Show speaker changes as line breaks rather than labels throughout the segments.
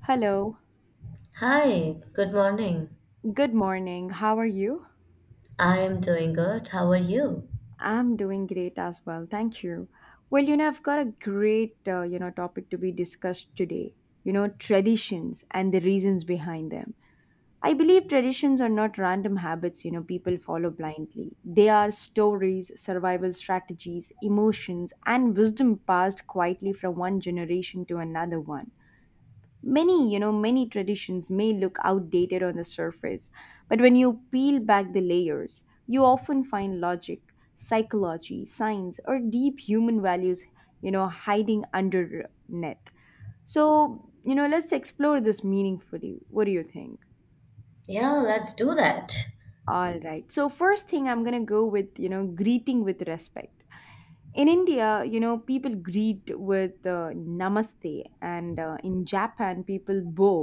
Hello.
Hi, good morning.
Good morning. How are you?
I am doing good. How are you?
I'm doing great as well. Thank you. I've got a great, topic to be discussed today. Traditions and the reasons behind them. I believe traditions are not random habits, people follow blindly. They are stories, survival strategies, emotions, and wisdom passed quietly from one generation to another one. Many you know many traditions may look outdated on the surface, but when you peel back the layers you often find logic, psychology, science, or deep human values hiding under net. So let's explore this meaningfully. What do you think?
Yeah, let's do that.
All right, so first thing I'm going to go with, greeting with respect. In India, people greet with namaste, and in Japan, people bow,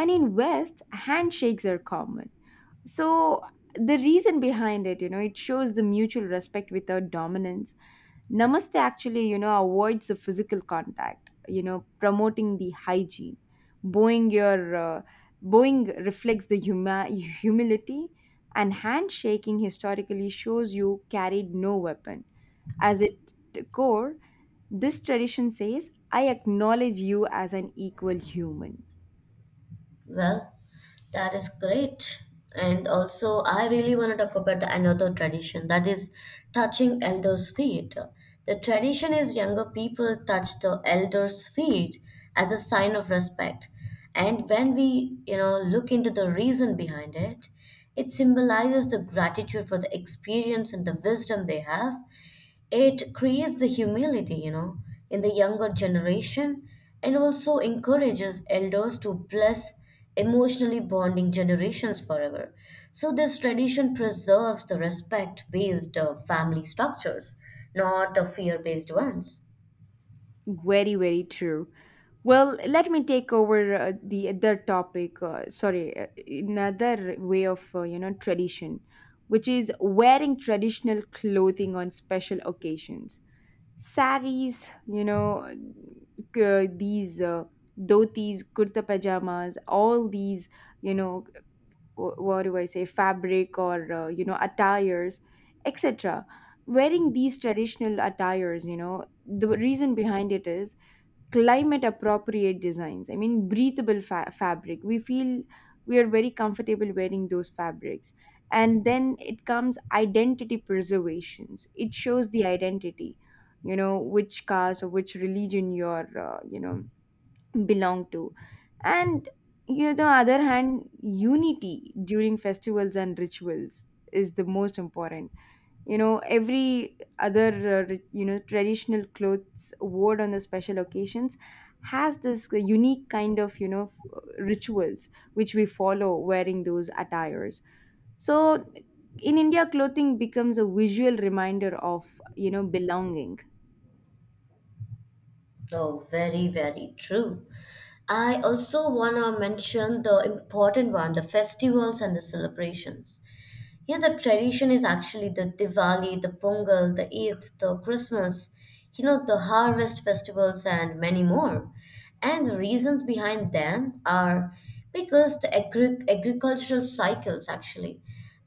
and in West, handshakes are common. So the reason behind it, it shows the mutual respect without dominance. Namaste actually, avoids the physical contact, promoting the hygiene. Bowing your uh, bowing reflects the humility, and handshaking historically shows you carried no weapon. As it core, this tradition says, "I acknowledge you as an equal human."
Well, that is great. And also, I really want to talk about the another tradition, that is touching elders' feet. The tradition is younger people touch the elders' feet as a sign of respect. And when we, you know, look into the reason behind it, it symbolizes the gratitude for the experience and the wisdom they have. It creates the humility, you know, in the younger generation and also encourages elders to bless, emotionally bonding generations forever. So this tradition preserves the respect based family structures, not the fear based ones.
Very, very true. Well, let me take over the other topic. Sorry, another way of tradition, which is wearing traditional clothing on special occasions. Saris, these dhotis, kurta pajamas, all these, you know, what do I say, fabric or attires, etc. Wearing these traditional attires, the reason behind it is climate appropriate designs. I mean, breathable fabric. We feel we are very comfortable wearing those fabrics, and then it comes identity preservations. It shows the identity, which caste or which religion you're belong to. And the other hand, unity during festivals and rituals is the most important. Every other traditional clothes worn on the special occasions has this unique kind of rituals which we follow wearing those attires. So in india clothing becomes a visual reminder of belonging.
Oh, very, very true. I also want to mention the important one, the festivals and the celebrations. Yeah, the tradition is actually the Diwali, the Pongal, the Eid, the Christmas, you know, the harvest festivals and many more. And the reasons behind them are because the agricultural cycles, actually.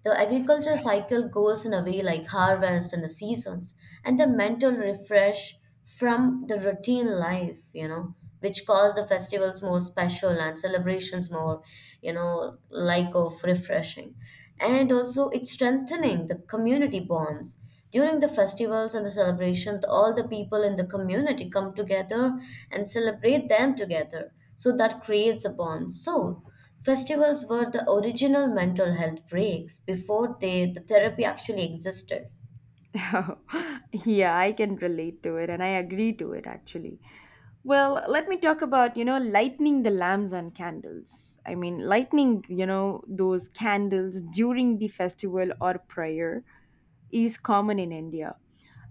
The agricultural cycle goes in a way like harvest and the seasons, and the mental refresh from the routine life, you know, which cause the festivals more special and celebrations more, you know, like of refreshing. And also, it's strengthening the community bonds. During the festivals and the celebrations, all the people in the community come together and celebrate them together. So that creates a bond. So festivals were the original mental health breaks before they, the therapy, actually existed.
Yeah, I can relate to it and I agree to it actually. Well, let me talk about, lighting the lamps and candles. I mean, lighting, those candles during the festival or prayer is common in India.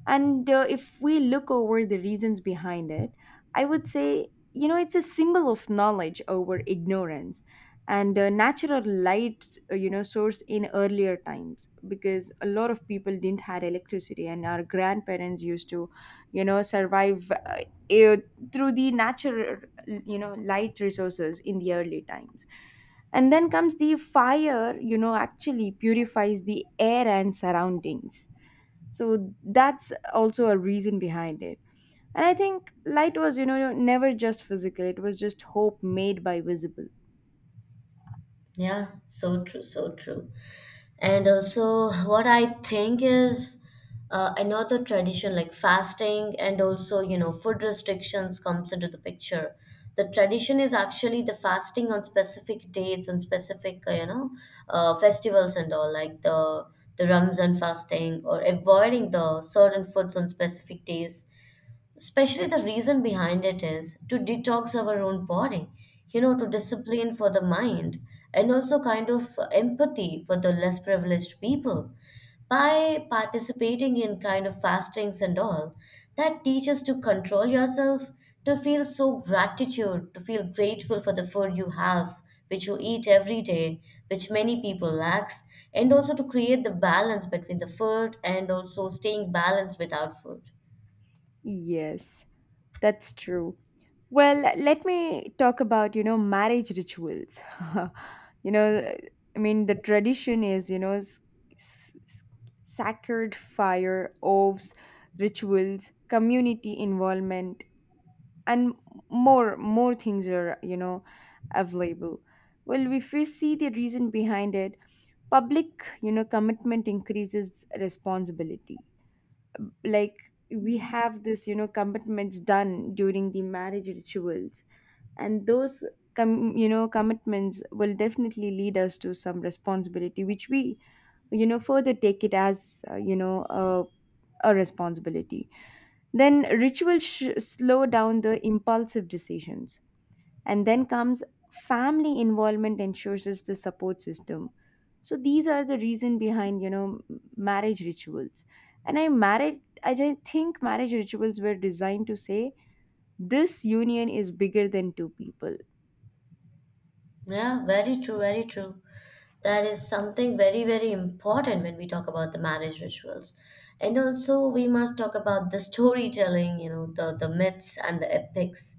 And if we look over the reasons behind it, I would say, it's a symbol of knowledge over ignorance, and natural light, source in earlier times, because a lot of people didn't had electricity and our grandparents used to, survive eh, through the natural, light resources in the early times. And then comes the fire, actually purifies the air and surroundings, so that's also a reason behind it. And I think light was, never just physical. It was just hope made by visible.
Yeah, so true, so true. And also, what I think is another tradition like fasting and also, you know, food restrictions comes into the picture. The tradition is actually the fasting on specific dates, on specific, you know, festivals and all, like the Ramzan fasting or avoiding the certain foods on specific days. Especially the reason behind it is to detox our own body, you know, to discipline for the mind, and also kind of empathy for the less privileged people. By participating in kind of fastings and all, that teaches to control yourself, to feel so gratitude, to feel grateful for the food you have, which you eat every day, which many people lacks, and also to create the balance between the food and also staying balanced without food.
Yes, that's true. Well, let me talk about, marriage rituals. you know I mean, the tradition is, s- s- sacred fire, oaths, rituals, community involvement, and more things are, available. Well, if we see the reason behind it, public, commitment increases responsibility. Like, we have this, commitments done during the marriage rituals, and those, commitments will definitely lead us to some responsibility which we, further take it as a responsibility. Then rituals slow down the impulsive decisions, and then comes family involvement ensures is the support system. So these are the reason behind, marriage rituals. And I think marriage rituals were designed to say this union is bigger than two people.
Yeah, very true, very true. That is something very, very important when we talk about the marriage rituals. And also we must talk about the storytelling, you know, the myths and the epics.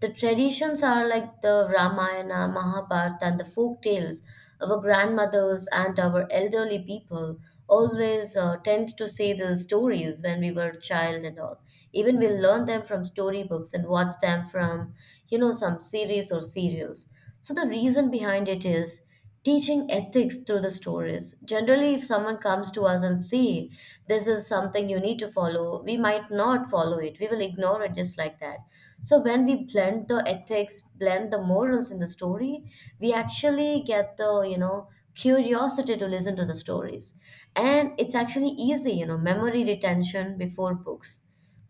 The traditions are like the Ramayana, Mahabharata, and the folk tales. Our grandmothers and our elderly people always tend to say these stories when we were child and all. Even we learn them from storybooks and watch them from, you know, some series or serials. So the reason behind it is teaching ethics through the stories. Generally, if someone comes to us and say, this is something you need to follow, we might not follow it. We will ignore it just like that. So when we blend the ethics, blend the morals in the story, we actually get the, you know, curiosity to listen to the stories. And it's actually easy, you know, memory retention before books.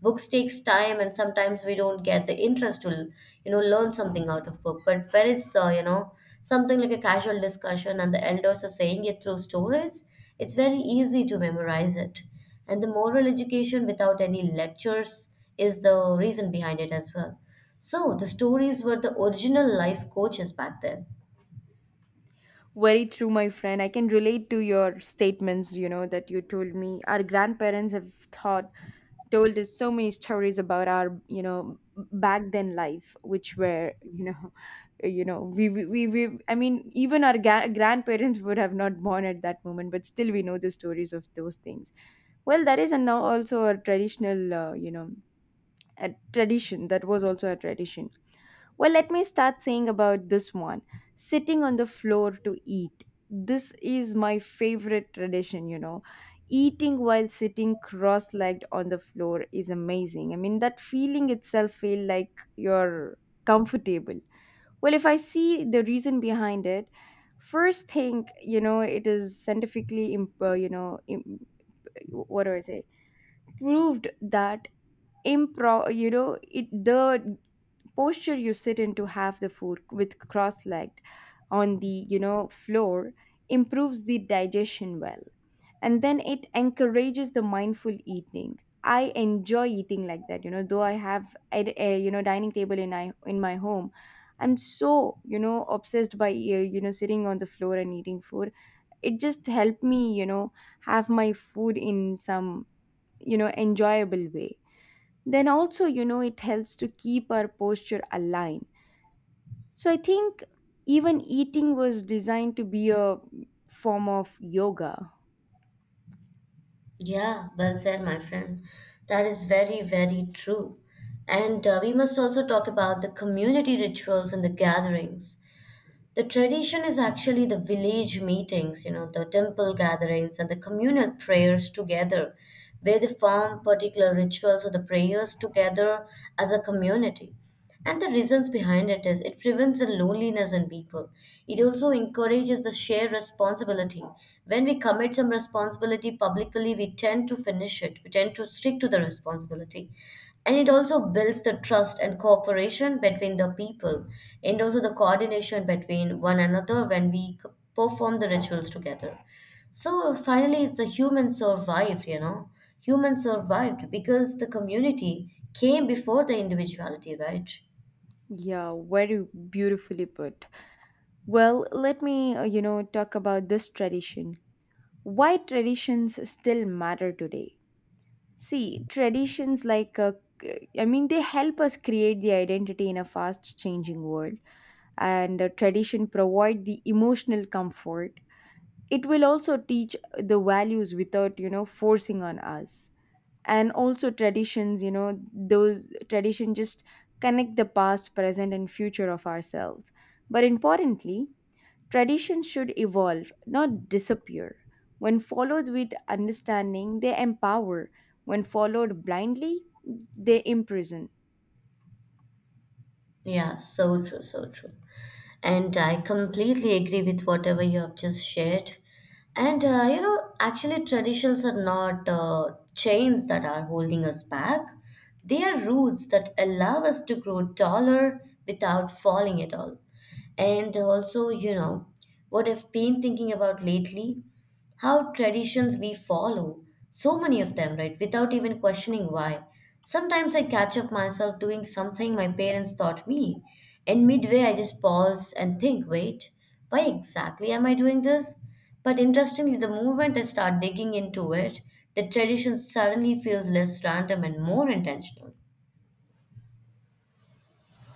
Books takes time, and sometimes we don't get the interest to, you know, learn something out of book. But when it's you know, something like a casual discussion and the elders are saying it through stories, it's very easy to memorize it. And the moral education without any lectures is the reason behind it as well. So the stories were the original life coaches back then.
Very true, my friend. I can relate to your statements, you know, that you told me. Our grandparents have thought told us so many stories about our, back then life, which were, you know we I mean even our grandparents would have not born at that moment, but still we know the stories of those things. Well that is and now also a traditional you know a tradition that was also a tradition. Well, let me start saying about this one, sitting on the floor to eat. This is my favorite tradition, you know. Eating while sitting cross legged on the floor is amazing. I mean, that feeling itself feel like you're comfortable. Well, if I see the reason behind it, first thing, it is scientifically, what do I say, proved that it the posture you sit in to have the food with cross-legged on the, floor improves the digestion well, and then it encourages the mindful eating. I enjoy eating like that, you know, though I have a, a dining table in I in my home. I'm so, obsessed by sitting on the floor and eating food. It just helped me, have my food in some, enjoyable way. Then also, you know, it helps to keep our posture aligned. So I think even eating was designed to be a form of yoga.
Yeah, well said, my friend. That is very, very true. And we must also talk about the community rituals and the gatherings. The tradition is actually the village meetings, you know, the temple gatherings and the communal prayers together, where they form particular rituals or the prayers together as a community. And the reasons behind it is it prevents the loneliness in people. It also encourages the shared responsibility. When we commit some responsibility publicly, we tend to finish it. We tend to stick to the responsibility. And it also builds the trust and cooperation between the people, and also the coordination between one another when we perform the rituals together. So finally, the humans survived, you know, humans survived because the community came before the individuality, right?
Yeah, very beautifully put. Well, let me, talk about this tradition. Why traditions still matter today? See, traditions like, I mean, they help us create the identity in a fast changing world, and tradition provide the emotional comfort. It will also teach the values without, forcing on us. And also traditions, you know those tradition just connect the past, present and future of ourselves. But importantly, traditions should evolve, not disappear. When followed with understanding, they empower. When followed blindly, they imprison.
Yeah, so true, so true. And I completely agree with whatever you have just shared. And you know, actually, traditions are not chains that are holding us back. They are roots that allow us to grow taller without falling at all. And also, you know, what I've been thinking about lately, how traditions we follow, so many of them, right, without even questioning why. Sometimes I catch up myself doing something my parents taught me, and midway I just pause and think, wait, why exactly am I doing this? But interestingly, the moment I start digging into it, the tradition suddenly feels less random and more intentional.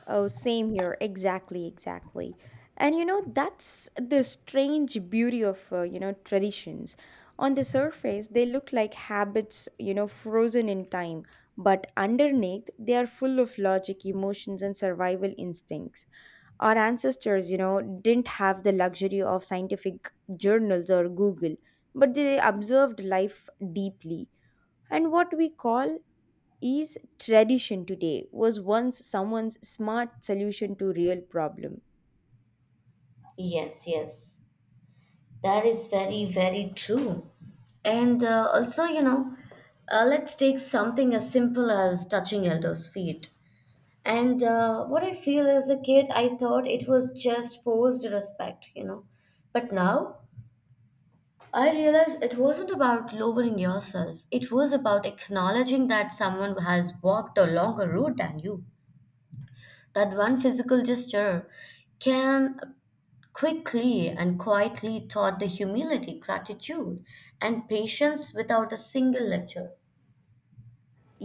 Oh, same here. Exactly, exactly. And you know, that's the strange beauty of, traditions. On the surface, they look like habits, you know, frozen in time, but underneath, they are full of logic, emotions, and survival instincts. Our ancestors, you know, didn't have the luxury of scientific journals or Google, but they observed life deeply. And what we call is tradition today was once someone's smart solution to real problem.
Yes, yes. That is very, very true. And also, you know, let's take something as simple as touching elders' feet. And what I feel as a kid, I thought it was just forced respect, you know. But now I realize it wasn't about lowering yourself, it was about acknowledging that someone has walked a longer route than you. That one physical gesture can quickly and quietly taught the humility, gratitude, and patience without a single lecture.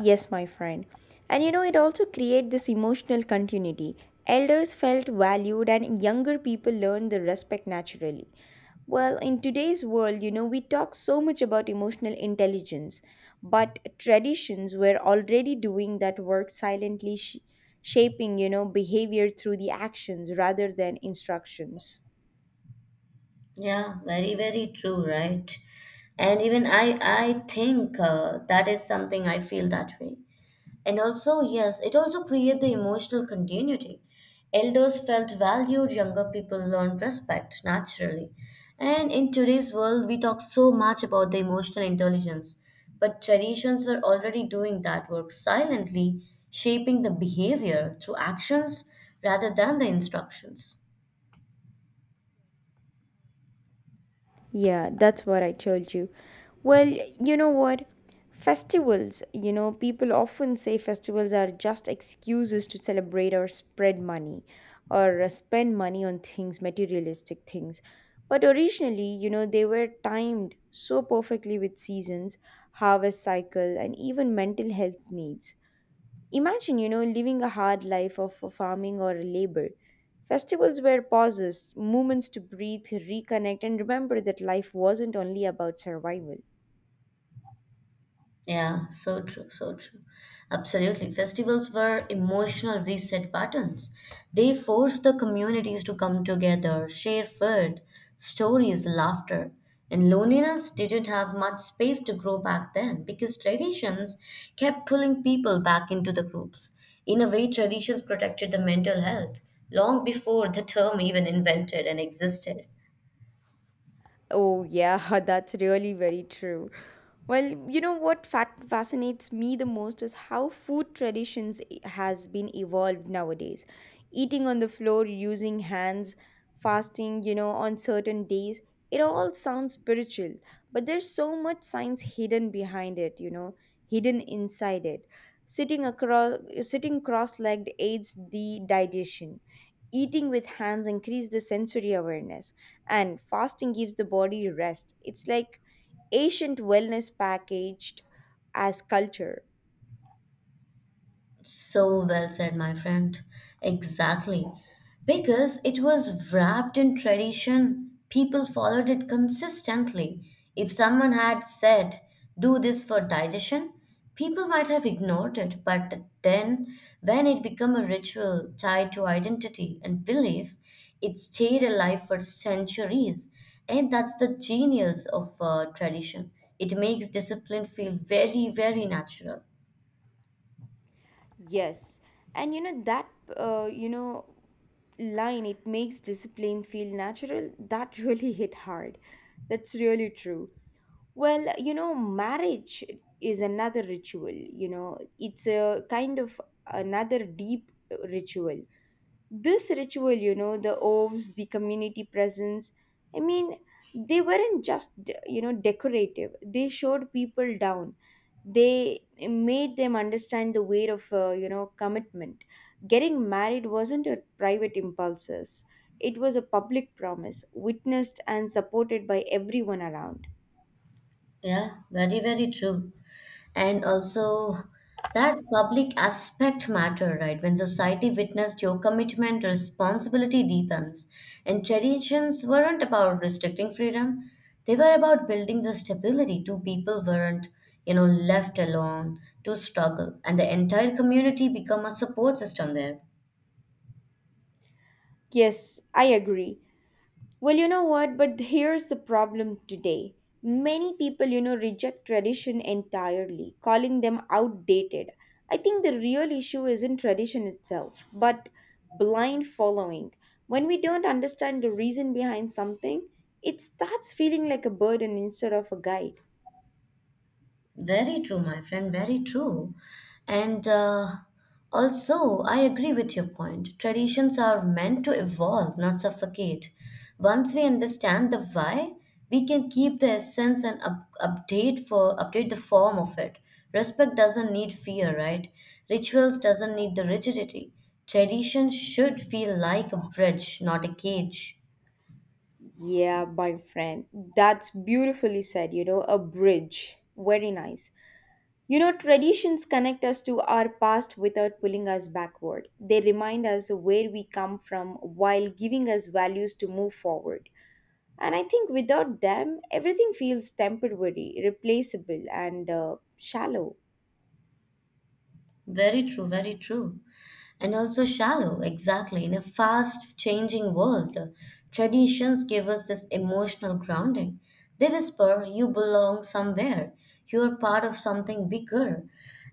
Yes, my friend. And you know, it also create this emotional continuity. Elders felt valued and younger people learned the respect naturally. Well, in today's world, you know, we talk so much about emotional intelligence, but traditions were already doing that work silently, shaping, you know, behavior through the actions rather than instructions.
Yeah, very, very true, right? And even I think that is something I feel that way. And also, yes, it also create the emotional continuity. Elders felt valued, younger people learned respect naturally. And in today's world, we talk so much about the emotional intelligence, but traditions were already doing that work silently, shaping the behavior through actions rather than the instructions.
Yeah, that's what I told you. Well, you know what? Festivals, you know, people often say festivals are just excuses to celebrate or spread money, or spend money on things, materialistic things. But originally, you know, they were timed so perfectly with seasons, harvest cycle, and even mental health needs. Imagine, you know, living a hard life of farming or a labor. Festivals were pauses, moments to breathe, reconnect, and remember that life wasn't only about survival.
Yeah, so true, so true. Absolutely. Festivals were emotional reset buttons. They forced the communities to come together, share food, stories, laughter. And loneliness didn't have much space to grow back then, because traditions kept pulling people back into the groups. In a way, traditions protected the mental health long before the term even invented and existed.
Oh, yeah, that's really very true. Well, you know what fat fascinates me the most is how food traditions has been evolved nowadays. Eating on the floor, using hands, fasting, you know, on certain days, it all sounds spiritual, but there's so much science hidden behind it, you know, hidden inside it. Sitting cross-legged aids the digestion. Eating with hands increase the sensory awareness, and fasting gives the body rest. It's like ancient wellness packaged as culture.
So well said, my friend. Exactly. Because it was wrapped in tradition, people followed it consistently. If someone had said, do this for digestion, people might have ignored it. But then, when it became a ritual tied to identity and belief, it stayed alive for centuries. And that's the genius of tradition. It makes discipline feel very, very natural.
Yes. And you know that, uh, you know line, it makes discipline feel natural, that really hit hard. That's really true. Well, you know, marriage is another ritual, you know. It's a kind of another deep ritual. This ritual, you know, the oves, the community presence, I mean, they weren't just, you know, decorative. They showed people down. They made them understand the weight of, commitment. Getting married wasn't a private impulses. It was a public promise, witnessed and supported by everyone around.
Yeah, very, very true. And also that public aspect matter, right? When society witnessed your commitment, responsibility deepens. And traditions weren't about restricting freedom. They were about building the stability. Two people weren't, you know, left alone to struggle. And the entire community become a support system there.
Yes, I agree. Well, you know what? But here's the problem today. Many people, you know, reject tradition entirely, calling them outdated. I think the real issue isn't tradition itself, but blind following. When we don't understand the reason behind something, it starts feeling like a burden instead of a guide.
Very true, my friend, very true. And also, I agree with your point. Traditions are meant to evolve, not suffocate. Once we understand the why, we can keep the essence and update for update the form of it. Respect doesn't need fear, right? Rituals doesn't need the rigidity. Tradition should feel like a bridge, not a cage.
Yeah, my friend. That's beautifully said, you know, a bridge. Very nice. You know, traditions connect us to our past without pulling us backward. They remind us where we come from while giving us values to move forward. And I think without them, everything feels temporary, replaceable, and shallow.
Very true, very true. And also shallow, exactly. In a fast changing world, traditions give us this emotional grounding. They whisper, you belong somewhere, you're part of something bigger.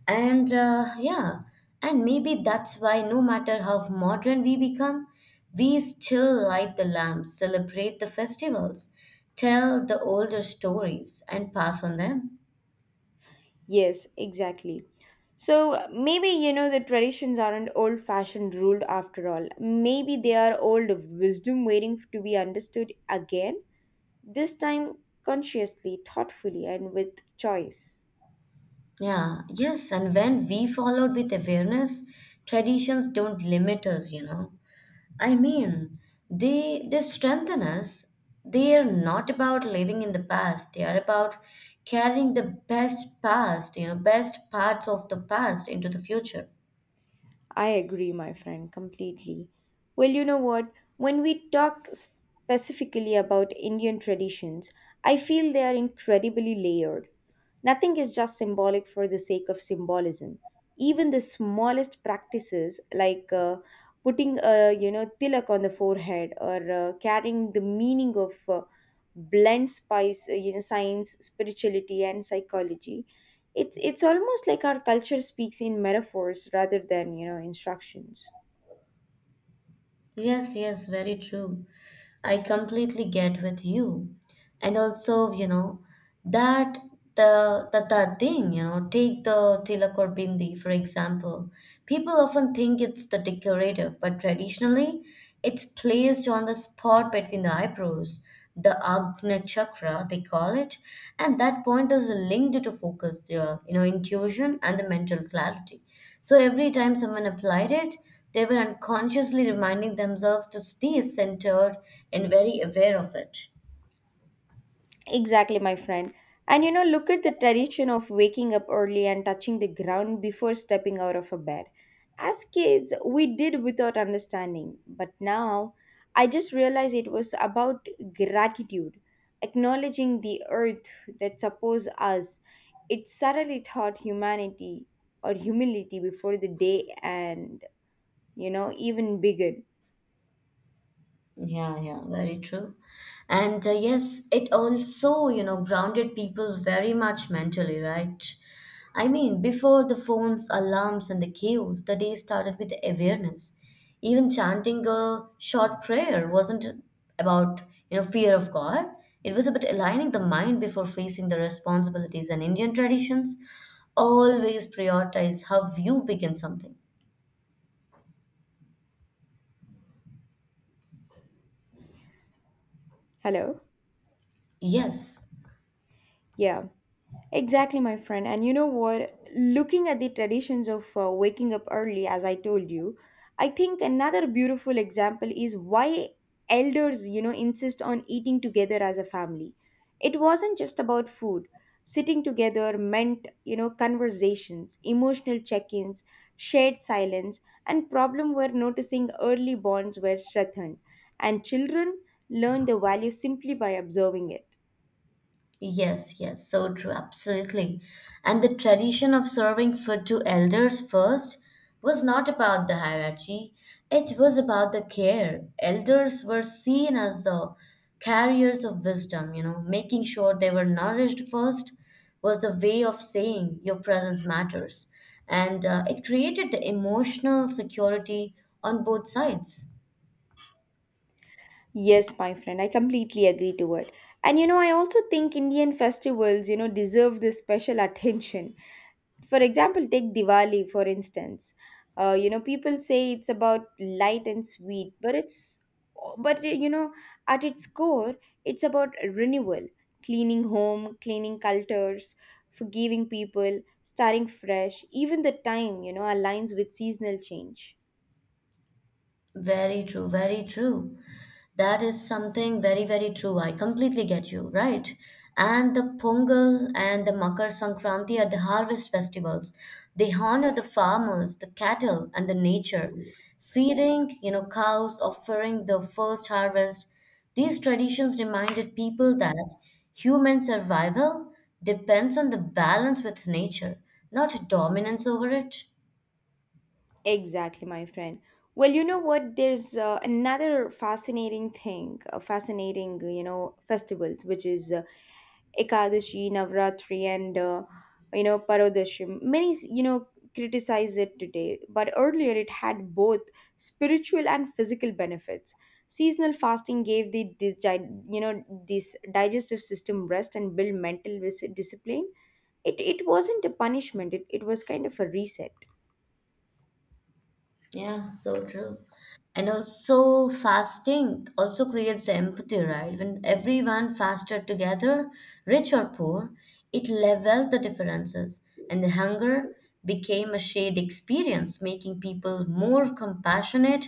And yeah, and maybe that's why no matter how modern we become, we still light the lamps, celebrate the festivals, tell the older stories, and pass on them.
Yes, exactly. So maybe, you know, the traditions aren't old fashioned ruled after all. Maybe they are old wisdom waiting to be understood again, this time consciously, thoughtfully, and with choice.
Yeah, yes, and when we followed with awareness, traditions don't limit us, you know. I mean, they strengthen us. They are not about living in the past. They are about carrying the best past, you know, best parts of the past into the future.
I agree, my friend, completely. Well, you know what? When we talk specifically about Indian traditions, I feel they are incredibly layered. Nothing is just symbolic for the sake of symbolism. Even the smallest practices, like putting a tilak on the forehead or carrying the meaning of blend spice, you know, science, spirituality, and psychology, it's almost like our culture speaks in metaphors rather than, you know, instructions.
Yes, yes, very true. I completely get with you. And also, you know, that the thing, you know, take the tilak or bindi, for example. People often think it's the decorative, but traditionally it's placed on the spot between the eyebrows, the Agna chakra, they call it, and that point is linked to focus, the you know, intuition and the mental clarity. So every time someone applied it, they were unconsciously reminding themselves to stay centered and very aware of it.
Exactly, my friend. And you know, look at the tradition of waking up early and touching the ground before stepping out of a bed. As kids, we did without understanding, but now I just realized it was about gratitude, acknowledging the earth that supports us. It suddenly taught humanity or humility before the day and, you know, even began.
Yeah, yeah, very true. And yes, it also, you know, grounded people very much mentally, right? I mean, before the phones, alarms, and the cues, the day started with awareness. Even chanting a short prayer wasn't about, you know, fear of God. It was about aligning the mind before facing the responsibilities. And Indian traditions always prioritize how you begin something.
Hello?
Yes.
Yeah, exactly, my friend. And you know what? Looking at the traditions of waking up early, as I told you, I think another beautiful example is why elders, you know, insist on eating together as a family. It wasn't just about food. Sitting together meant, you know, conversations, emotional check ins, shared silence, and problem were noticing early bonds were strengthened. And children learn the value simply by observing it.
Yes, yes, so true, absolutely. And the tradition of serving food to elders first was not about the hierarchy, it was about the care. Elders were seen as the carriers of wisdom, you know, making sure they were nourished first was the way of saying your presence matters. And it created the emotional security on both sides.
Yes, my friend, I completely agree to it. And you know, I also think Indian festivals, you know, deserve this special attention. For example, take Diwali, for instance. You know, people say it's about light and sweet, but you know, at its core, it's about renewal, cleaning home, cleaning cultures, forgiving people, starting fresh. Even the time, you know, aligns with seasonal change.
Very true, very true. That is something very, very true. I completely get you, right? And the Pongal and the Makar Sankranti are the harvest festivals. They honor the farmers, the cattle, and the nature. Feeding, you know, cows, offering the first harvest. These traditions reminded people that human survival depends on the balance with nature, not dominance over it.
Exactly, my friend. Well, you know what? There's another fascinating thing, you know, festivals, which is Ekadashi, Navratri, and, you know, Parodashi. Many, you know, criticize it today, but earlier it had both spiritual and physical benefits. Seasonal fasting gave you know, this digestive system rest and built mental discipline. It wasn't a punishment, it was kind of a reset.
Yeah, so true. And also, fasting also creates empathy, right? When everyone fasted together, rich or poor, it leveled the differences, and the hunger became a shared experience, making people more compassionate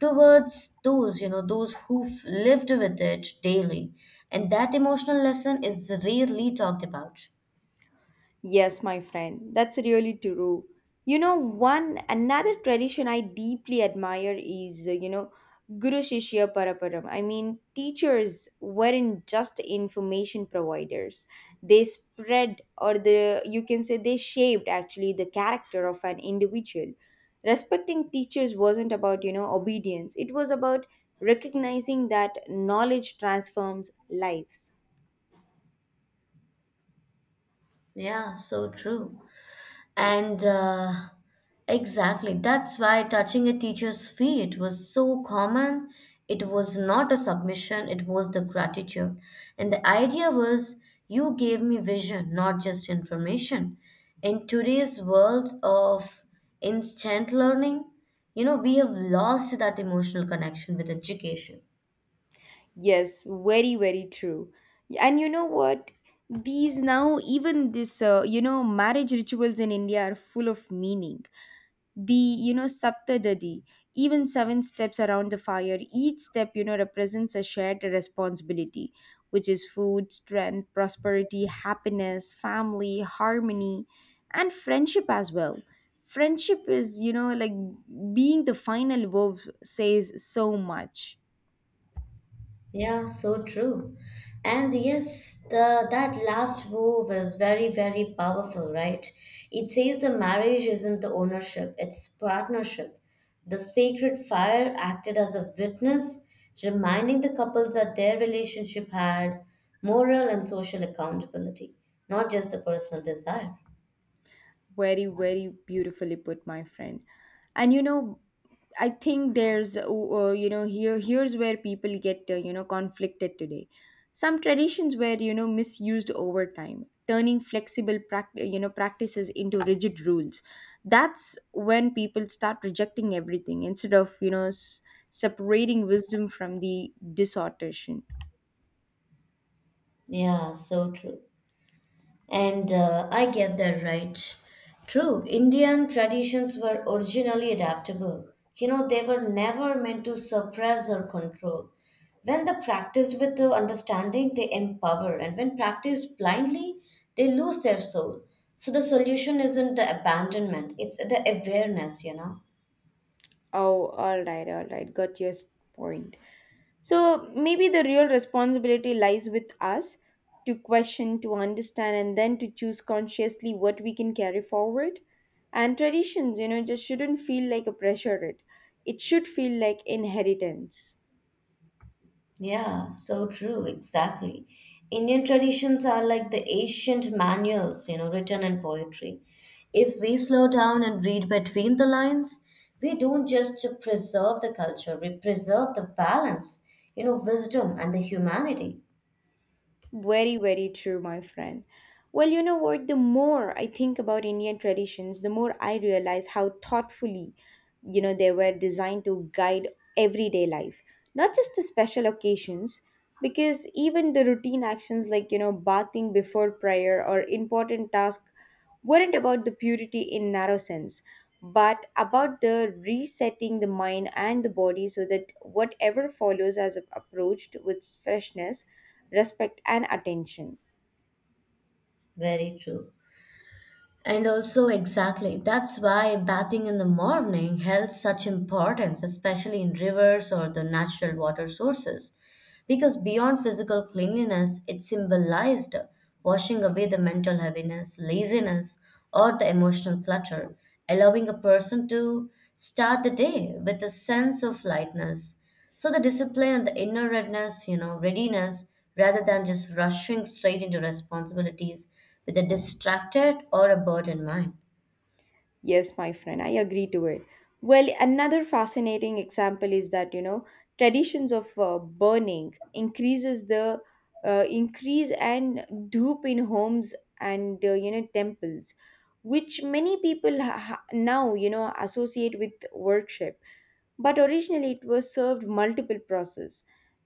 towards those, you know, those who've lived with it daily. And that emotional lesson is rarely talked about.
Yes, my friend, that's really true. You know, one another tradition I deeply admire is, you know, Guru Shishya Paraparam. I mean, teachers weren't just information providers. They spread, or the you can say they shaped actually the character of an individual. Respecting teachers wasn't about, you know, obedience. It was about recognizing that knowledge transforms lives.
Yeah, so true. And exactly, that's why touching a teacher's feet was so common. It was not a submission, it was the gratitude. And the idea was you gave me vision, not just information. In today's world of instant learning, you know, we have lost that emotional connection with education.
Yes, very, very true. And you know what? These now, even this, you know, marriage rituals in India are full of meaning. The, you know, Saptadadi, even seven steps around the fire, each step, you know, represents a shared responsibility, which is food, strength, prosperity, happiness, family, harmony, and friendship as well. Friendship is, you know, like being the final verb says so much.
Yeah, so true. And yes, the that last vow was very, very powerful, right? It says the marriage isn't the ownership, it's partnership. The sacred fire acted as a witness, reminding the couples that their relationship had moral and social accountability, not just the personal desire.
Very very beautifully put, my friend. And you know, I think there's you know, here's where people get you know, conflicted today. Some traditions were you know misused over time, turning flexible you know practices into rigid rules. That's when people start rejecting everything instead of you know separating wisdom from the distortion.
Yeah, so true. And I get that right. True, Indian traditions were originally adaptable. You know, they were never meant to suppress or control. When they practiced with the understanding, they empower, and when practiced blindly, they lose their soul. So the solution isn't the abandonment, it's the awareness, you know.
Oh, all right, all right, got your point. So maybe the real responsibility lies with us to question, to understand, and then to choose consciously what we can carry forward. And traditions, you know, just shouldn't feel like a pressure. It should feel like inheritance.
Yeah, so true, exactly. Indian traditions are like the ancient manuals, you know, written in poetry. If we slow down and read between the lines, we don't just preserve the culture, we preserve the balance, you know, wisdom and the humanity.
Very, very true, my friend. Well, you know what? The more I think about Indian traditions, the more I realize how thoughtfully you know they were designed to guide everyday life, not just the special occasions, because even the routine actions like you know bathing before prayer or important tasks weren't about the purity in narrow sense, but about the resetting the mind and the body so that whatever follows as approached with freshness, respect, and attention.
Very true. And also, exactly, that's why bathing in the morning held such importance, especially in rivers or the natural water sources. Because beyond physical cleanliness, it symbolized washing away the mental heaviness, laziness, or the emotional clutter, allowing a person to start the day with a sense of lightness. So the discipline and the inner readiness, rather than just rushing straight into responsibilities with a distracted or a burdened mind.
Yes, my friend, I agree to it. Well, another fascinating example is that you know traditions of burning increases the increase and dupe in homes and you know temples, which many people now you know associate with worship. But originally, it was served multiple process,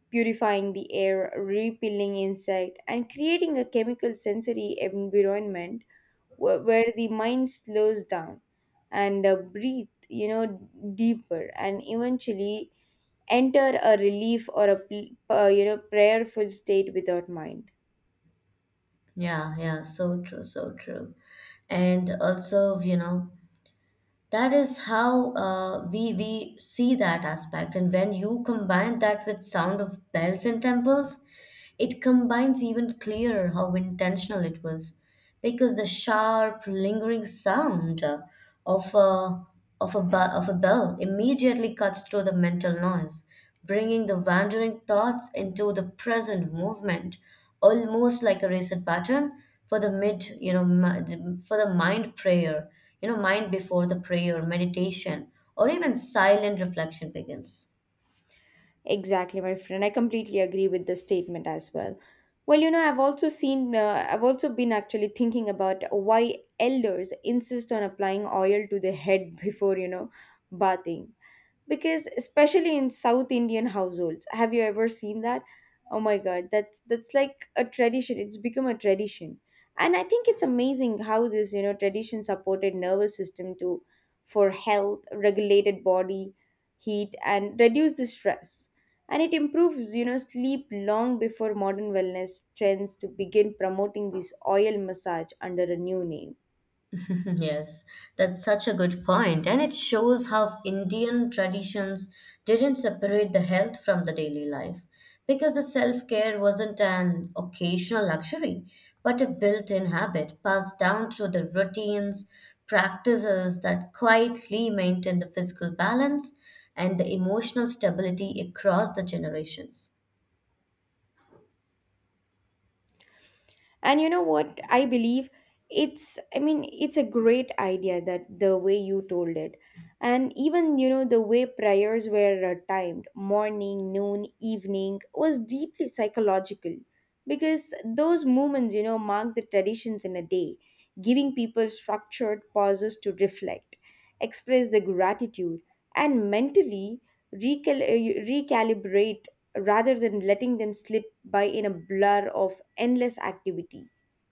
purifying the air, repelling insect, and creating a chemical sensory environment where the mind slows down and breathe you know deeper and eventually enter a relief or a you know prayerful state without mind.
Yeah, yeah, so true, so true. And also, you know, that is how we see that aspect. And when you combine that with sound of bells and temples, it combines even clearer how intentional it was, because the sharp, lingering sound of a of a bell immediately cuts through the mental noise, bringing the wandering thoughts into the present movement, almost like a reset pattern for the mid, you know, mi- for the mind before the prayer, meditation, or even silent reflection begins.
Exactly, my friend, I completely agree with the statement as well. Well, you know, I've also seen I've also been actually thinking about why elders insist on applying oil to the head before you know bathing, because especially in south Indian households, have you ever seen that? Oh my god, that's like a tradition, it's become a tradition. And I think it's amazing how this you know tradition supported nervous system to for health, regulated body heat, and reduce the stress, and it improves you know sleep long before modern wellness trends to begin promoting this oil massage under a new name.
Yes, that's such a good point, and it shows how Indian traditions didn't separate the health from the daily life because the self-care wasn't an occasional luxury, but a built-in habit passed down through the routines, practices that quietly maintain the physical balance and the emotional stability across the generations.
And you know what? I believe it's, I mean, it's a great idea that the way you told it. And even, you know, the way prayers were timed, morning, noon, evening, was deeply psychological because those moments, you know, mark the traditions in a day, giving people structured pauses to reflect, express their gratitude, and mentally recalibrate rather than letting them slip by in a blur of endless activity.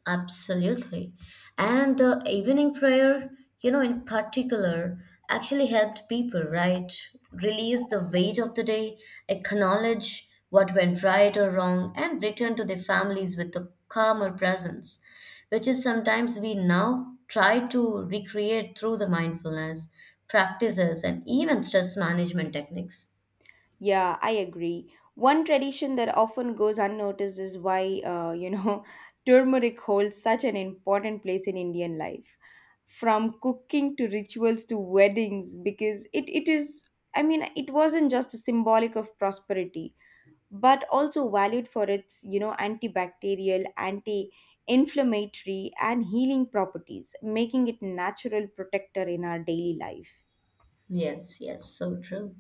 Absolutely. And the evening prayer, you know, in particular, actually helped people, right? Release the weight of the day, acknowledge what went right or wrong, and return to their families with a calmer presence, which is sometimes we now try to recreate through the mindfulness practices and even stress management techniques.
Yeah, I agree. One tradition that often goes unnoticed is why, you know, turmeric holds such an important place in Indian life. From cooking to rituals to weddings, because it is, I mean, it wasn't just symbolic of prosperity, but also valued for its you know antibacterial, anti-inflammatory, and healing properties, making it a natural protector in our daily life.
Yes, yes, so true.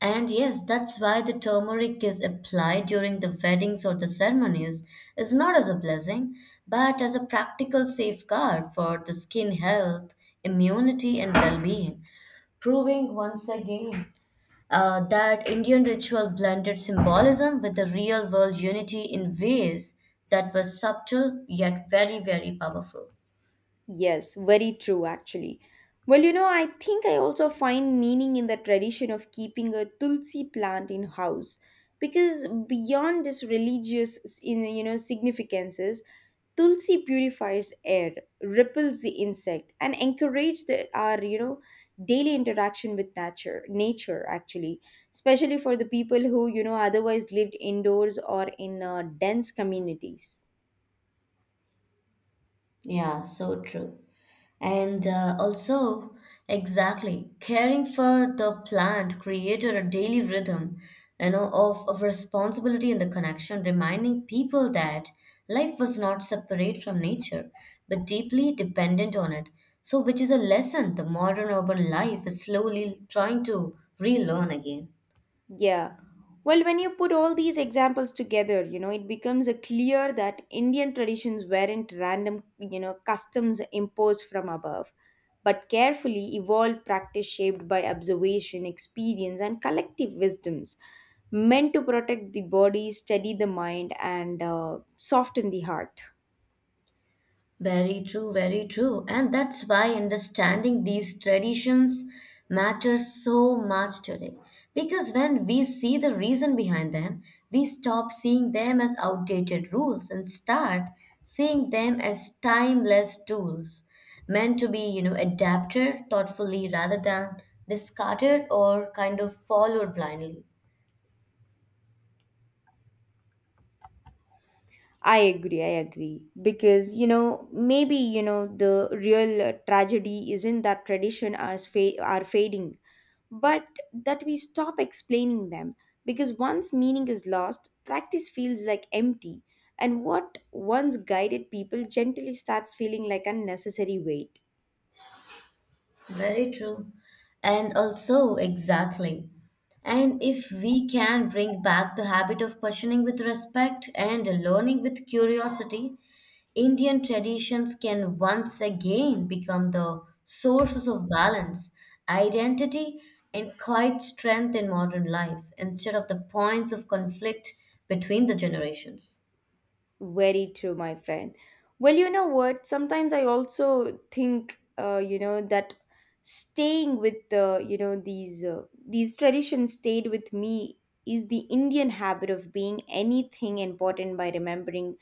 And yes, that's why the turmeric is applied during the weddings or the ceremonies is not as a blessing, but as a practical safeguard for the skin health, immunity, and well-being, proving once again that Indian ritual blended symbolism with the real-world unity in ways that were subtle yet very, very powerful.
Yes, very true actually. Well, you know, I think I also find meaning in the tradition of keeping a tulsi plant in house, because beyond this religious in you know significances, Tulsi purifies air, repels the insect, and encourages the, our you know daily interaction with nature. Nature actually, especially for the people who you know otherwise lived indoors or in dense communities.
Yeah, so true. And also, exactly, caring for the plant created a daily rhythm, you know, of responsibility and the connection, reminding people that life was not separate from nature, but deeply dependent on it. So, which is a lesson the modern urban life is slowly trying to relearn again.
Yeah. Well, when you put all these examples together, you know, it becomes a clear that Indian traditions weren't random, you know, customs imposed from above, but carefully evolved practice shaped by observation, experience, and collective wisdoms meant to protect the body, steady the mind, and soften the heart.
Very true, very true. And that's why understanding these traditions matters so much today. Because when we see the reason behind them, we stop seeing them as outdated rules and start seeing them as timeless tools meant to be, you know, adapted thoughtfully rather than discarded or kind of followed blindly.
I agree, I agree. Because, you know, maybe, you know, the real tragedy isn't that tradition are fading, but that we stop explaining them, because once meaning is lost, practice feels like empty, and what once guided people gently starts feeling like unnecessary weight.
Very true. And also, exactly. And if we can bring back the habit of questioning with respect and learning with curiosity, Indian traditions can once again become the sources of balance, identity, and quiet strength in modern life instead of the points of conflict between the generations.
Very true, my friend. Well, you know what? Sometimes I also think, you know, that staying with the, you know, these traditions stayed with me is the Indian habit of being anything important by remembering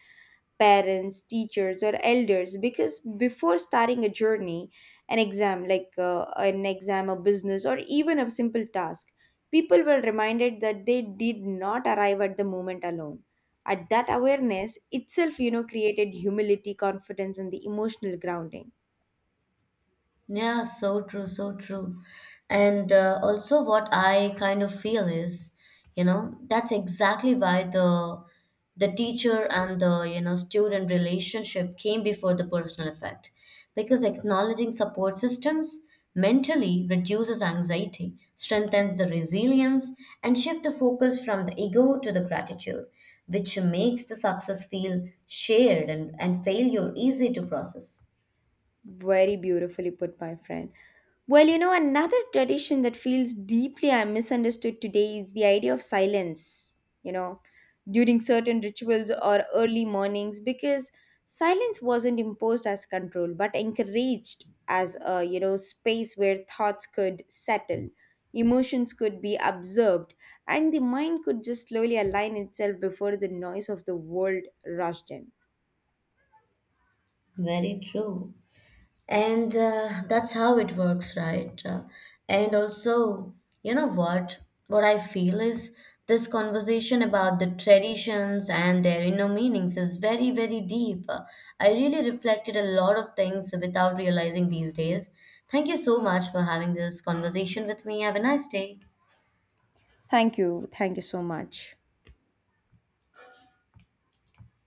parents, teachers, or elders, because before starting a journey, an exam, a business, or even a simple task, people were reminded that they did not arrive at the moment alone. At that awareness itself, you know, created humility, confidence, and the emotional grounding.
Yeah, so true, so true. And also, what I kind of feel is, you know, that's exactly why the teacher and the you know student relationship came before the personal effect, because acknowledging support systems mentally reduces anxiety, strengthens the resilience, and shift the focus from the ego to the gratitude, which makes the success feel shared and failure easy to process.
Very beautifully put, my friend. Well, you know, another tradition that feels deeply I misunderstood today is the idea of silence, you know, during certain rituals or early mornings, because silence wasn't imposed as control, but encouraged as a, you know, space where thoughts could settle, emotions could be observed, and the mind could just slowly align itself before the noise of the world rushed in.
Very true. And that's how it works, right? And also, you know what? What I feel is this conversation about the traditions and their inner meanings is very, very deep. I really reflected a lot of things without realizing these days. Thank you so much for having this conversation with me. Have a nice day.
Thank you. Thank you so much.